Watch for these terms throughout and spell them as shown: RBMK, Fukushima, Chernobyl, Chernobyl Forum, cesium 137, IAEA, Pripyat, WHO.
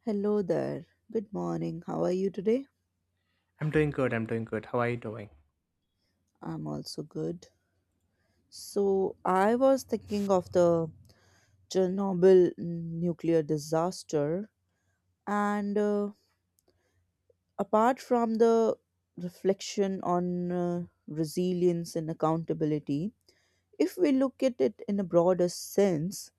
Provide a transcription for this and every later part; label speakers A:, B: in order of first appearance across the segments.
A: Hello there. Good morning. How are you today?
B: I'm doing good. How are you doing?
A: I'm also good. So, I was thinking of the Chernobyl nuclear disaster, and apart from the reflection on resilience and accountability, if we look at it in a broader sense,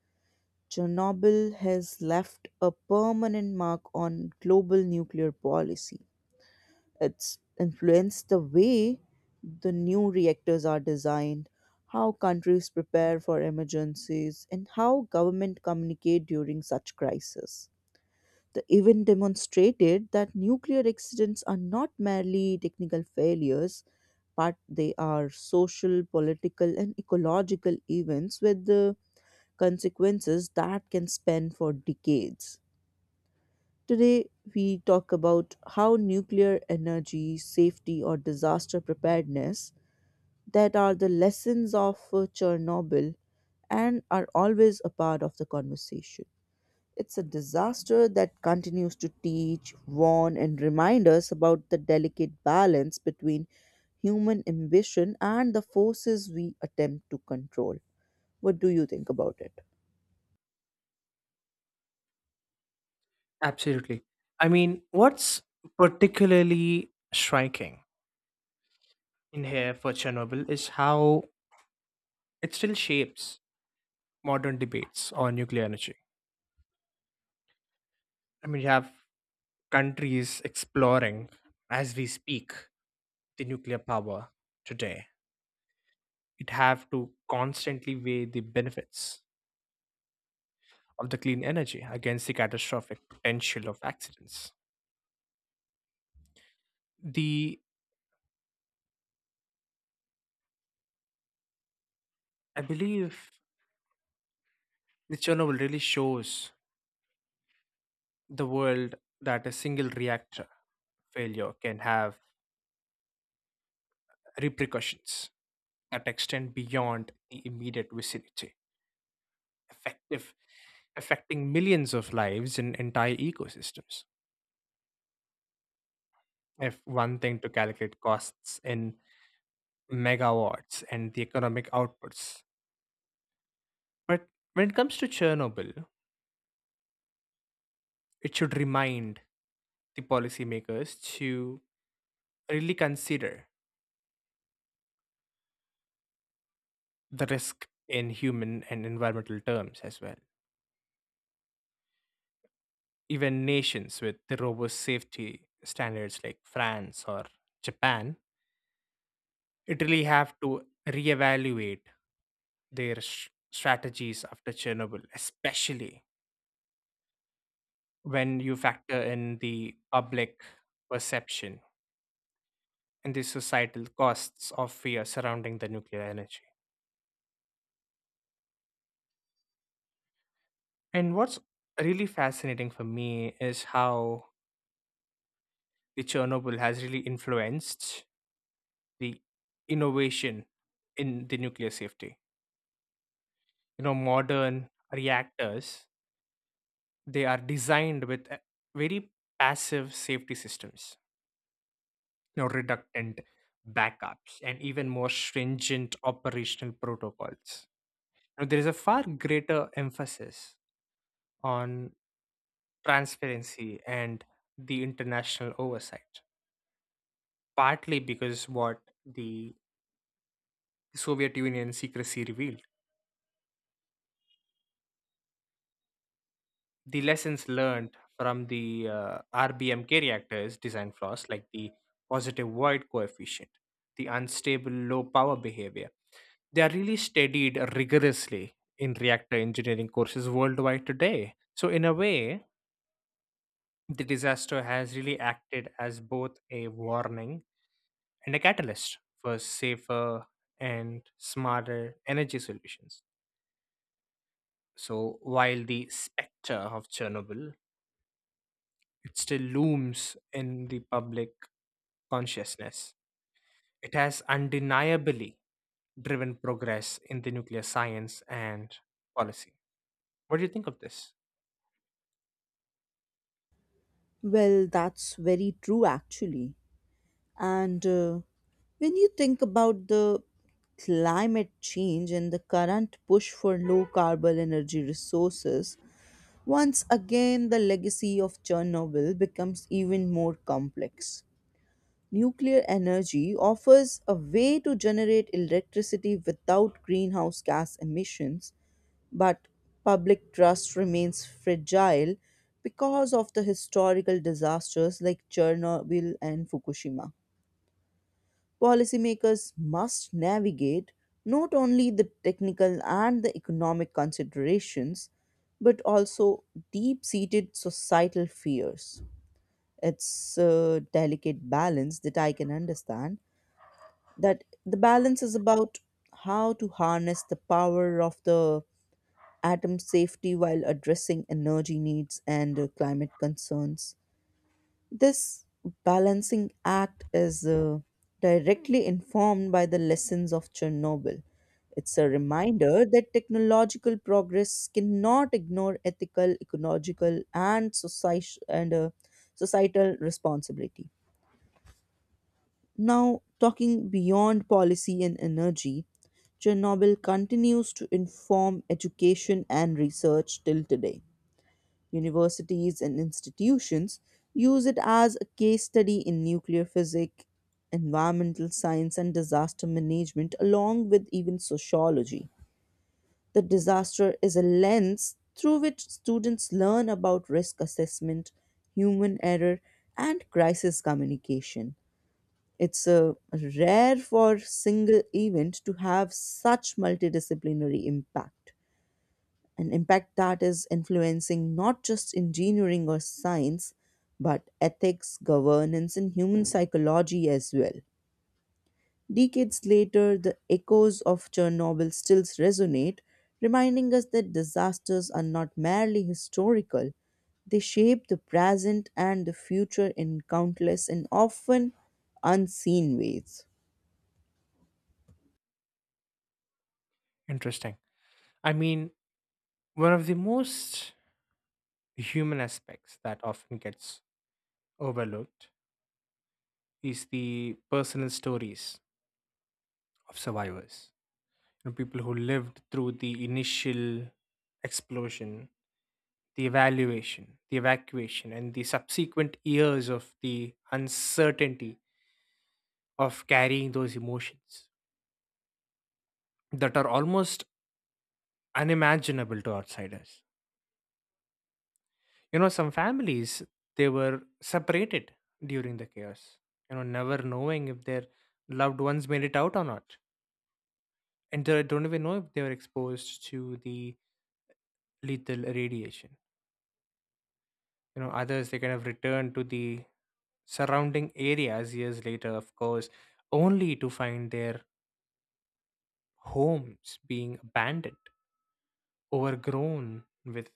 A: Chernobyl has left a permanent mark on global nuclear policy. It's influenced the way the new reactors are designed, how countries prepare for emergencies, and how government communicate during such crises. The event demonstrated that nuclear accidents are not merely technical failures, but they are social, political, and ecological events with the consequences that can span for decades. Today, we talk about how nuclear energy, safety, or disaster preparedness that are the lessons of Chernobyl and are always a part of the conversation. It's a disaster that continues to teach, warn, and remind us about the delicate balance between human ambition and the forces we attempt to control. What do you think about it?
B: Absolutely. I mean, what's particularly striking in here for Chernobyl is how it still shapes modern debates on nuclear energy. I mean, you have countries exploring, as we speak, the nuclear power today. It have to constantly weigh the benefits of the clean energy against the catastrophic potential of accidents. The I believe the Chernobyl really shows the world that a single reactor failure can have repercussions that extend beyond the immediate vicinity, effective, affecting millions of lives and entire ecosystems. If one thing to calculate costs in megawatts and the economic outputs. But when it comes to Chernobyl, it should remind the policymakers to really consider the risk in human and environmental terms as well, even nations with the robust safety standards like France or Japan, it really have to reevaluate their strategies after Chernobyl, especially when you factor in the public perception and the societal costs of fear surrounding the nuclear energy. And what's really fascinating for me is how the Chernobyl has really influenced the innovation in the nuclear safety. You know, modern reactors, they are designed with very passive safety systems, you know, reductant backups and even more stringent operational protocols. Now, there is a far greater emphasis on transparency and the international oversight, partly because what the soviet union secrecy revealed, the lessons learned from the RBMK reactors design flaws like the positive void coefficient, the unstable low power behavior. They are really studied rigorously in reactor engineering courses worldwide today. So, in a way, the disaster has really acted as both a warning and a catalyst for safer and smarter energy solutions. So, while the specter of Chernobyl it still looms in the public consciousness. It has undeniably driven progress in the nuclear science and policy. What do you think of this?
A: Well, that's very true actually. And when you think about the climate change and the current push for low carbon energy resources, once again the legacy of Chernobyl becomes even more complex. Nuclear energy offers a way to generate electricity without greenhouse gas emissions, but public trust remains fragile because of the historical disasters like Chernobyl and Fukushima. Policymakers must navigate not only the technical and the economic considerations, but also deep seated societal fears. It's a delicate balance that I can understand. That the balance is about how to harness the power of the atom safety while addressing energy needs and climate concerns. This balancing act is directly informed by the lessons of Chernobyl. It's a reminder that technological progress cannot ignore ethical, ecological, and societal responsibility. Now, talking beyond policy and energy, Chernobyl continues to inform education and research till today. Universities and institutions use it as a case study in nuclear physics, environmental science, and disaster management, along with even sociology. The disaster is a lens through which students learn about risk assessment, human error, and crisis communication. It's a rare for single event to have such multidisciplinary impact, an impact that is influencing not just engineering or science, but ethics, governance, and human psychology as well. Decades later, the echoes of Chernobyl still resonate, reminding us that disasters are not merely historical, they shape the present and the future in countless and often unseen ways.
B: Interesting. I mean, one of the most human aspects that often gets overlooked is the personal stories of survivors. You know, people who lived through the initial explosion, the evacuation, and the subsequent years of the uncertainty, of carrying those emotions that are almost unimaginable to outsiders. You know, some families they were separated during the chaos. You know, never knowing if their loved ones made it out or not, and they don't even know if they were exposed to the lethal radiation. You know, others they kind of returned to the surrounding areas years later, of course, only to find their homes being abandoned, overgrown with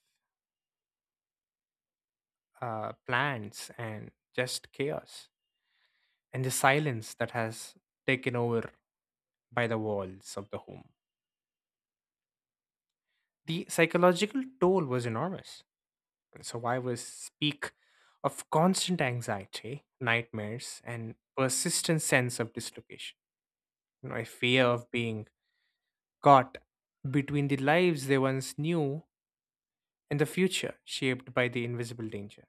B: plants and just chaos and the silence that has taken over by the walls of the home. The psychological toll was enormous. Survivors speak of constant anxiety, nightmares, and persistent sense of dislocation. You know, a fear of being caught between the lives they once knew and the future shaped by the invisible danger.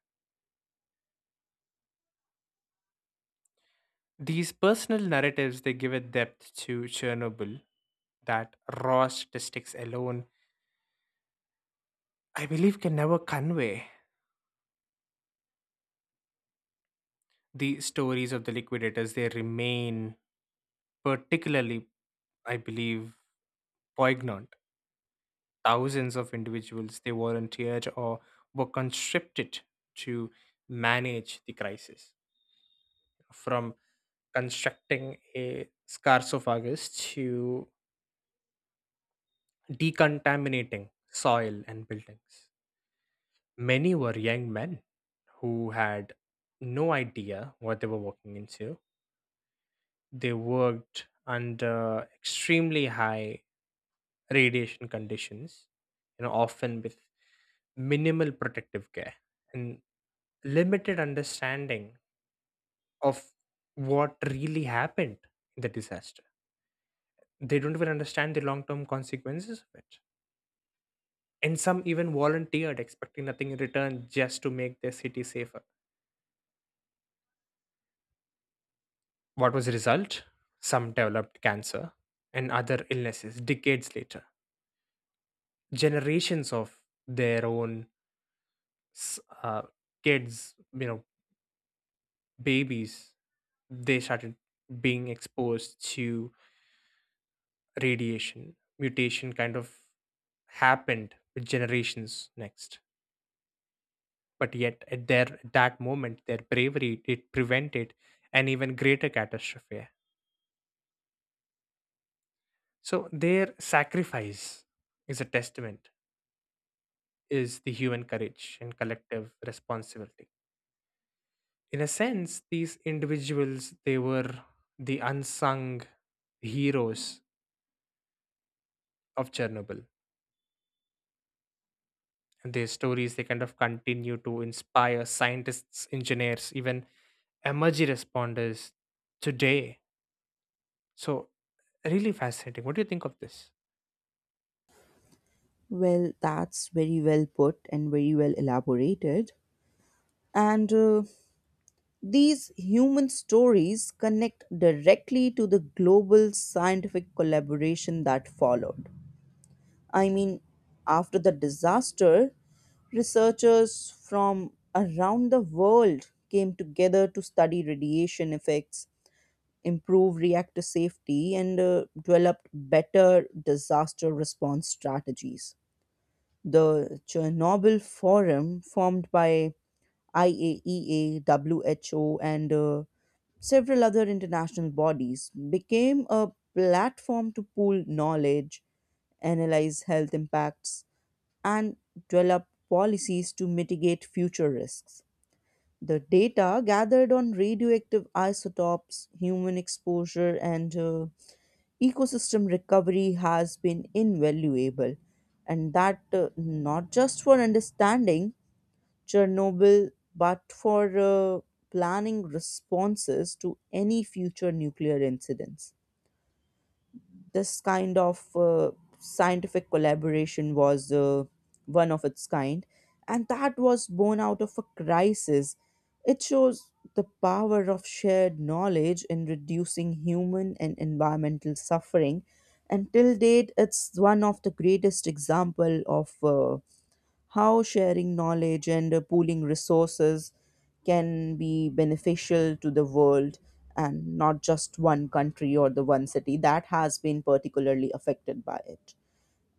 B: These personal narratives they give a depth to Chernobyl that raw statistics alone, I believe, can never convey. The stories of the liquidators they remain particularly, I believe, poignant. Thousands of individuals they volunteered or were conscripted to manage the crisis, from constructing a sarcophagus to decontaminating soil and buildings. Many were young men who had no idea what they were walking into. They worked under extremely high radiation conditions, you know, often with minimal protective care and limited understanding of what really happened in the disaster. They don't even understand the long term consequences of it. And some even volunteered, expecting nothing in return, just to make their city safer. What was the result? Some developed cancer and other illnesses decades later. Generations of their own s- uh, kids, you know, babies, they started being exposed to radiation. Mutation kind of happened with generations next. But yet, at that moment, their bravery it prevented an even greater catastrophe. So their sacrifice is a testament, is the human courage and collective responsibility. In a sense, these individuals they were the unsung heroes of Chernobyl. And their stories they kind of continue to inspire scientists, engineers, even emergency responders today. So really fascinating. What do you think of this?
A: Well, that's very well put and very well elaborated. And these human stories connect directly to the global scientific collaboration that followed. I mean, after the disaster, researchers from around the world came together to study radiation effects, improve reactor safety, and developed better disaster response strategies. The Chernobyl Forum, formed by IAEA WHO and several other international bodies, became a platform to pool knowledge, analyze health impacts, and develop policies to mitigate future risks. The data gathered on radioactive isotopes, human exposure, and ecosystem recovery has been invaluable. And that not just for understanding Chernobyl, but for planning responses to any future nuclear incidents. This kind of scientific collaboration was one of its kind, and that was born out of a crisis. It shows the power of shared knowledge in reducing human and environmental suffering. And till date, it's one of the greatest example of how sharing knowledge and pooling resources can be beneficial to the world and not just one country or the one city that has been particularly affected by it.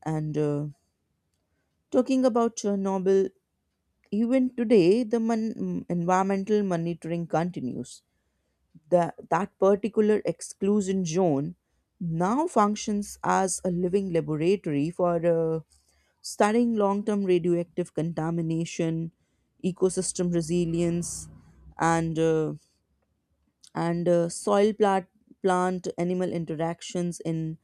A: And talking about Chernobyl, even today, the environmental monitoring continues the, that particular exclusion zone now functions as a living laboratory for studying long term radioactive contamination, ecosystem resilience, and, uh, and soil plant animal interactions in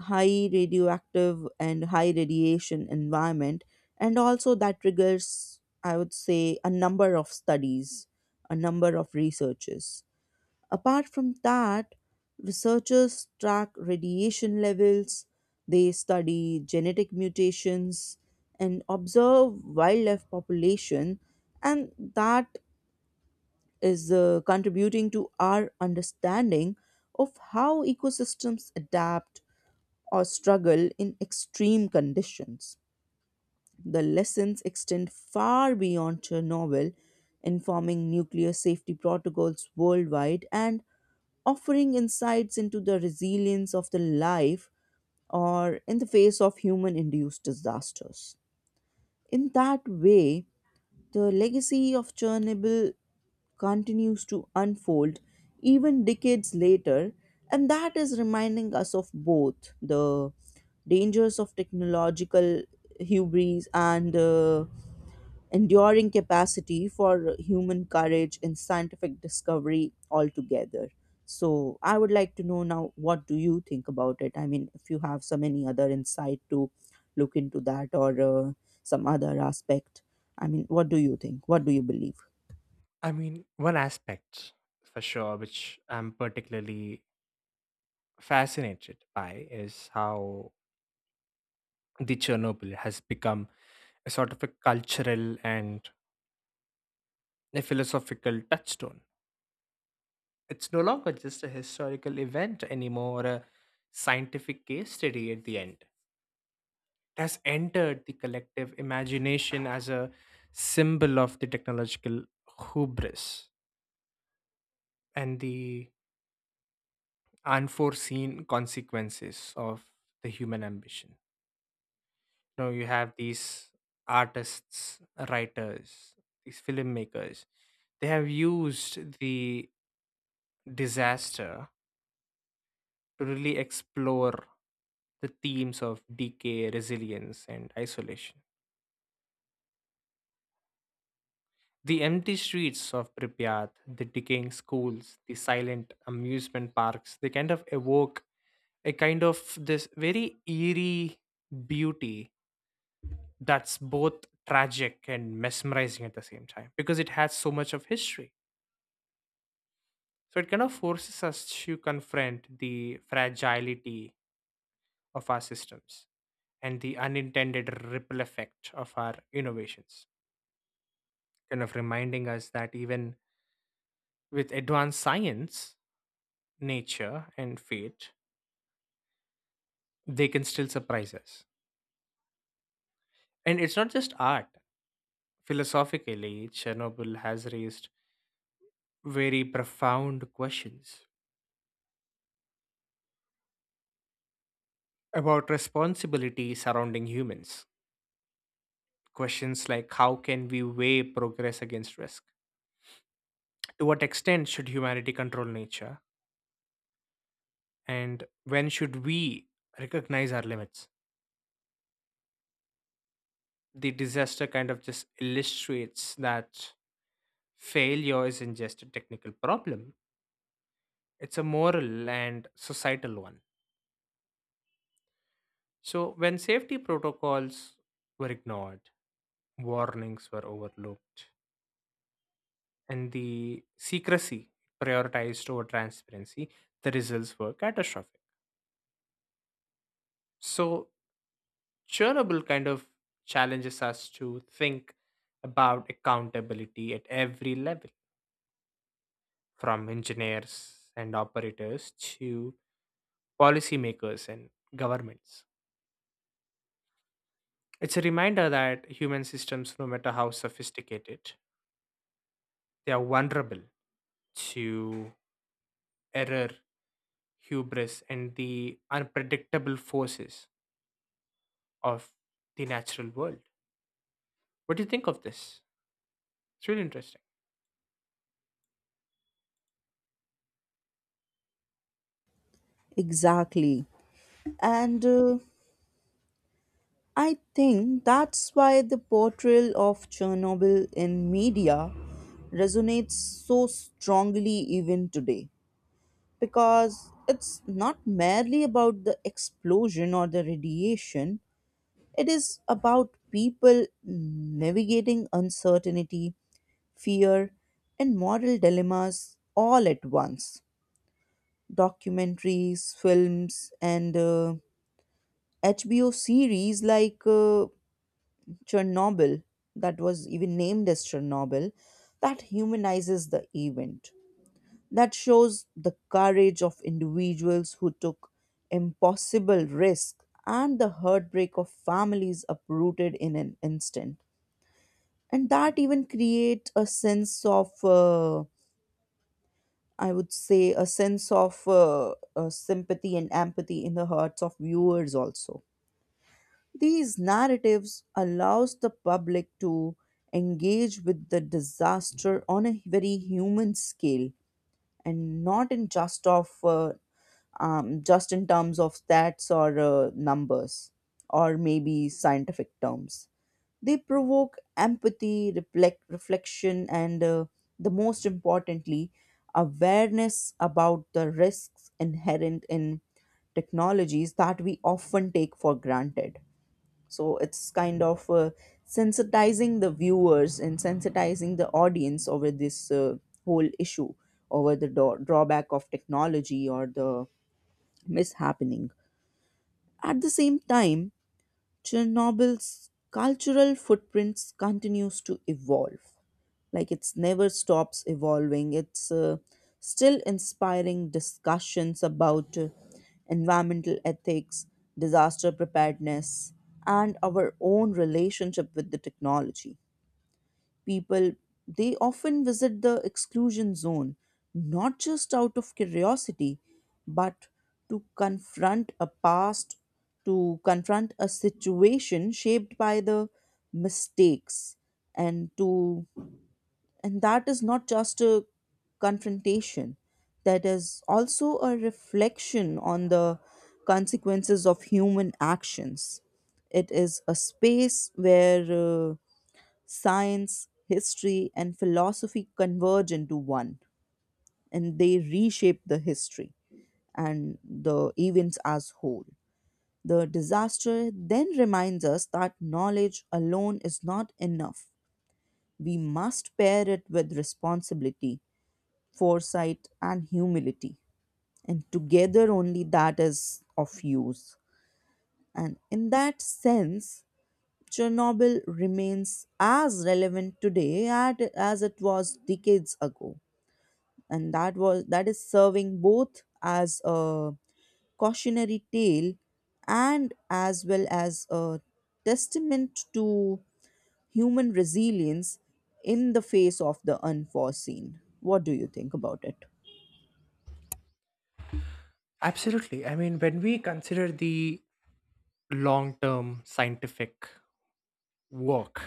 A: high radioactive and high radiation environment. And also, that triggers, I would say, a number of studies, a number of researches. Apart from that, researchers track radiation levels, they study genetic mutations, and observe wildlife population, and that is contributing to our understanding of how ecosystems adapt or struggle in extreme conditions. The lessons extend far beyond Chernobyl, informing nuclear safety protocols worldwide and offering insights into the resilience of the life or in the face of human induced disasters. In that way, the legacy of Chernobyl continues to unfold even decades later, and that is reminding us of both the dangers of technological hubris and enduring capacity for human courage and scientific discovery altogether. So, I would like to know now, what do you think about it? I mean, if you have some any other insight to look into that or some other aspect, I mean, what do you think? What do you believe?
B: I mean, one aspect for sure which I'm particularly fascinated by is how the Chernobyl has become a sort of a cultural and a philosophical touchstone. It's no longer just a historical event anymore, a scientific case study at the end. Has entered the collective imagination as a symbol of the technological hubris and the unforeseen consequences of the human ambition. You know, you have these artists, writers, these filmmakers, they have used the disaster to really explore the themes of decay, resilience, and isolation. The empty streets of Pripyat, the decaying schools, the silent amusement parks, they kind of evoke a kind of this very eerie beauty that's both tragic and mesmerizing at the same time because it has so much of history. So it kind of forces us to confront the fragility of our systems and the unintended ripple effect of our innovations, kind of reminding us that even with advanced science, nature, and fate, they can still surprise us. And it's not just art. Philosophically, Chernobyl has raised very profound questions about responsibility surrounding humans. Questions like how can we weigh progress against risk? To what extent should humanity control nature? And when should we recognize our limits? The disaster kind of just illustrates that failure isn't just a technical problem, it's a moral and societal one. So, when safety protocols were ignored, warnings were overlooked, and the secrecy prioritized over transparency, the results were catastrophic. So, Chernobyl kind of challenges us to think about accountability at every level, from engineers and operators to policymakers and governments. It's a reminder that human systems, no matter how sophisticated, they are vulnerable to error, hubris, and the unpredictable forces of the natural world. What do you think of this? It's really interesting.
A: Exactly. And I think that's why the portrayal of Chernobyl in media resonates so strongly even today because it's not merely about the explosion or the radiation, it is about people navigating uncertainty, fear, and moral dilemmas all at once. Documentaries, films, and HBO series like Chernobyl, that was even named as Chernobyl, that humanizes the event, that shows the courage of individuals who took impossible risks and the heartbreak of families uprooted in an instant. And that even create a sense of, I would say, a sense of sympathy and empathy in the hearts of viewers also. These narratives allows the public to engage with the disaster on a very human scale and not in just of just in terms of stats or numbers, or maybe scientific terms. They provoke empathy, reflection, and the most importantly, awareness about the risks inherent in technologies that we often take for granted. So it's kind of sensitizing the viewers and sensitizing the audience over this whole issue, over the drawback of technology or the mishappening. At the same time, Chernobyl's cultural footprints continues to evolve. Like it's never stops evolving. It's still inspiring discussions about environmental ethics, disaster preparedness, and our own relationship with the technology. People they often visit the exclusion zone not just out of curiosity but to confront a past, to confront a situation shaped by the mistakes, and to and that is not just a confrontation, that is also a reflection on the consequences of human actions. It is a space where science, history, and philosophy converge into one, and they reshape the history and the events as whole. The disaster then reminds us that knowledge alone is not enough. We must pair it with responsibility, foresight, and humility. And together, only that is of use. And in that sense, Chernobyl remains as relevant today at, as it was decades ago, and that was that is serving both as a cautionary tale and as well as a testament to human resilience in the face of the unforeseen. What do you think about it?
B: Absolutely. I mean, when we consider the long term scientific work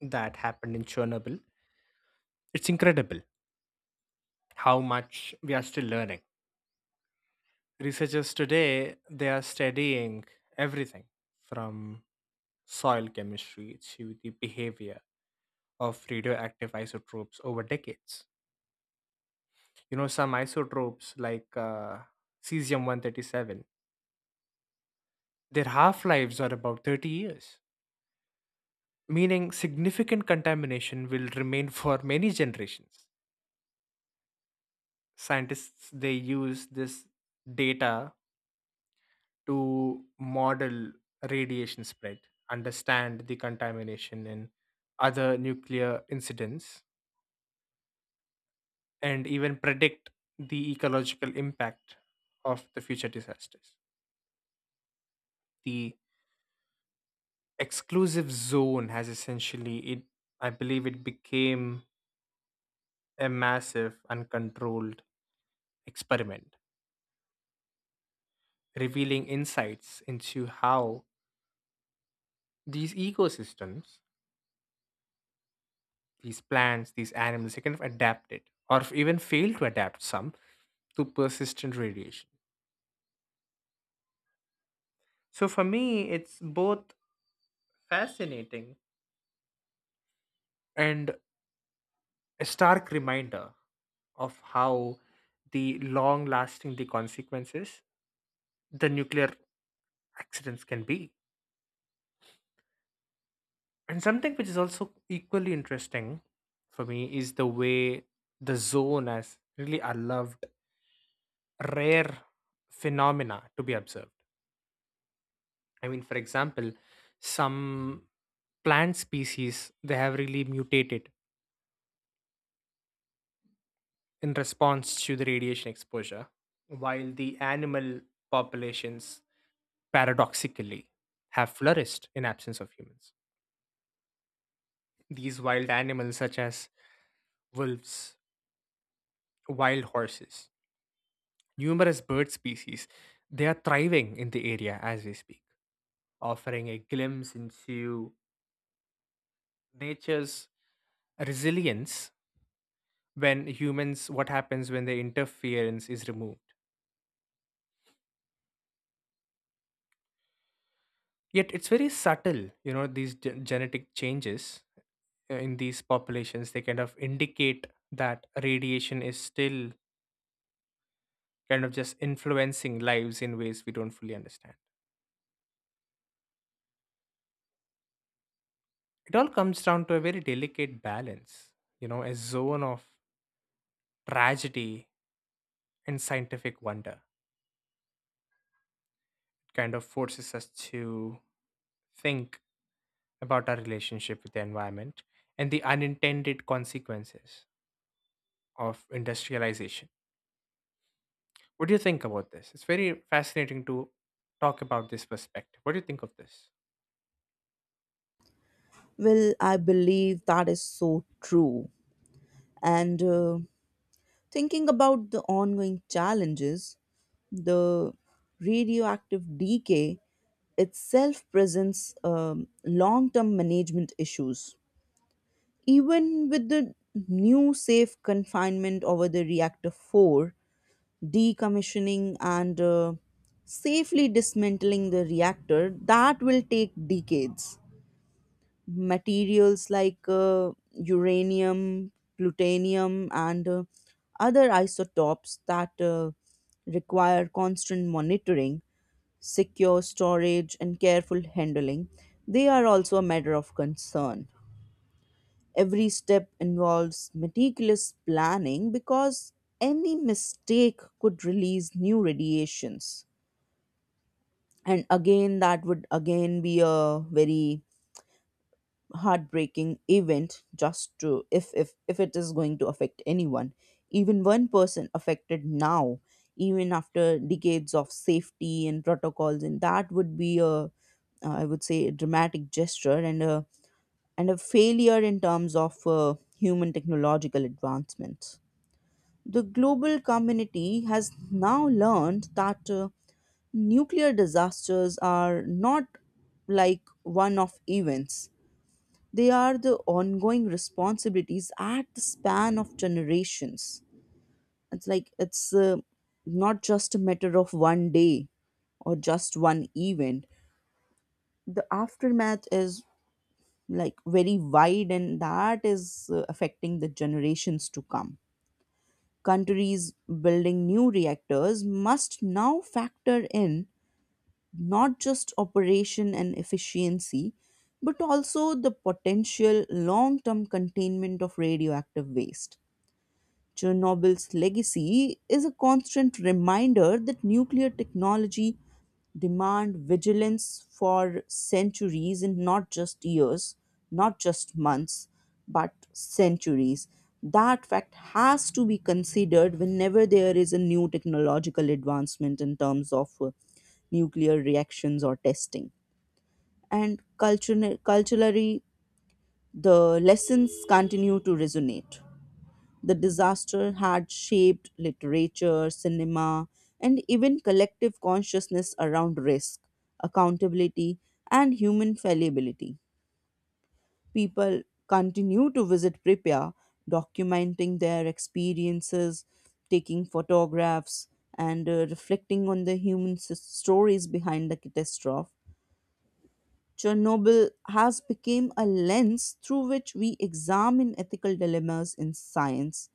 B: that happened in Chernobyl, it's incredible how much we are still learning. Researchers today, they are studying everything from soil chemistry to the behavior of radioactive isotopes over decades. You know, some isotopes like cesium 137, their half-lives are about 30 years, meaning significant contamination will remain for many generations. Scientists they use this data to model radiation spread, understand the contamination and other nuclear incidents, and even predict the ecological impact of the future disasters. The exclusive zone has essentially it, I believe it became a massive uncontrolled experiment, revealing insights into how these ecosystems, these plants, these animals they kind of adapted or even failed to adapt some to persistent radiation. So for me it's both fascinating and a stark reminder of how the long lasting the consequences the nuclear accidents can be. And something which is also equally interesting for me is the way the zone has really allowed rare phenomena to be observed. I mean, for example, some plant species they have really mutated in response to the radiation exposure, while the animal populations paradoxically have flourished in absence of humans. These wild animals, such as wolves, wild horses, numerous bird species. They are thriving in the area as we speak, offering a glimpse into nature's resilience when humans, what happens when the interference is removed. Yet it's very subtle, you know, these genetic changes, in these populations, they kind of indicate that radiation is still kind of just influencing lives in ways we don't fully understand. It all comes down to a very delicate balance, you know, a zone of tragedy and scientific wonder. It kind of forces us to think about our relationship with the environment and the unintended consequences of industrialization. What do you think about this? It's very fascinating to talk about this perspective. What do you think of this?
A: Well, I believe that is so true. And thinking about the ongoing challenges, the radioactive decay itself presents long term management issues. Even with the new safe confinement over the reactor 4, decommissioning and safely dismantling the reactor, that will take decades. Materials like uranium, plutonium, and other isotopes that require constant monitoring, secure storage, and careful handling, they are also a matter of concern. Every step involves meticulous planning because any mistake could release new radiations. And again, that would again be a very heartbreaking event just to, if it is going to affect anyone, even one person affected now, even after decades of safety and protocols, and that would be a I would say a dramatic gesture and a failure in terms of human technological advancements. The global community has now learned that nuclear disasters are not like one-off events. They are the ongoing responsibilities at the span of generations. It's like it's not just a matter of one day or just one event. The aftermath is like very wide, and that is affecting the generations to come. Countries building new reactors must now factor in not just operation and efficiency, but also the potential long term containment of radioactive waste. Chernobyl's legacy is a constant reminder that nuclear technology demand vigilance for centuries and not just years, not just months, but centuries. That fact has to be considered whenever there is a new technological advancement in terms of nuclear reactions or testing. And culturally, culturally, the lessons continue to resonate. The disaster had shaped literature, cinema, and even collective consciousness around risk, accountability, and human fallibility. People continue to visit Pripyat, documenting their experiences, taking photographs, and reflecting on the human stories behind the catastrophe. Chernobyl has become a lens through which we examine ethical dilemmas in science,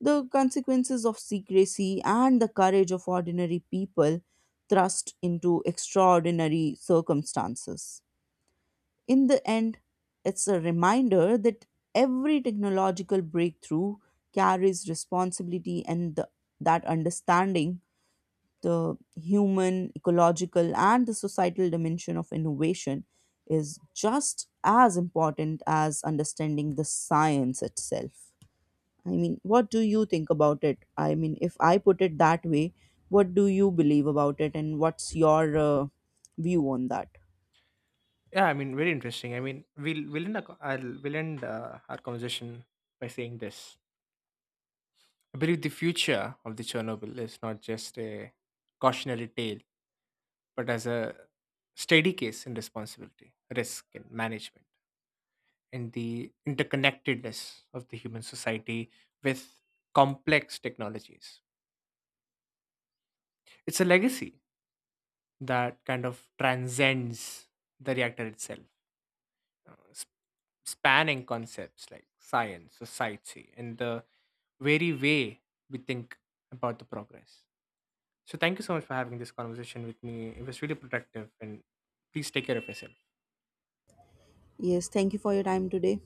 A: the consequences of secrecy, and the courage of ordinary people thrust into extraordinary circumstances. In the end, it's a reminder that every technological breakthrough carries responsibility and that understanding the human, ecological, and the societal dimension of innovation is just as important as understanding the science itself. I mean, what do you think about it? I mean, if I put it that way, what do you believe about it and what's your view on that?
B: Yeah, I mean, very interesting. I mean, we'll end, we'll end our conversation by saying this. I believe the future of the Chernobyl is not just a cautionary tale, but as a steady case in responsibility, risk, and management, and the interconnectedness of the human society with complex technologies. It's a legacy that kind of transcends the reactor itself, uh, sp- spanning concepts like science, society, and the very way we think about the progress. So, thank you so much for having this conversation with me. It was really productive, and please take care of yourself.
A: Yes, thank you for your time today.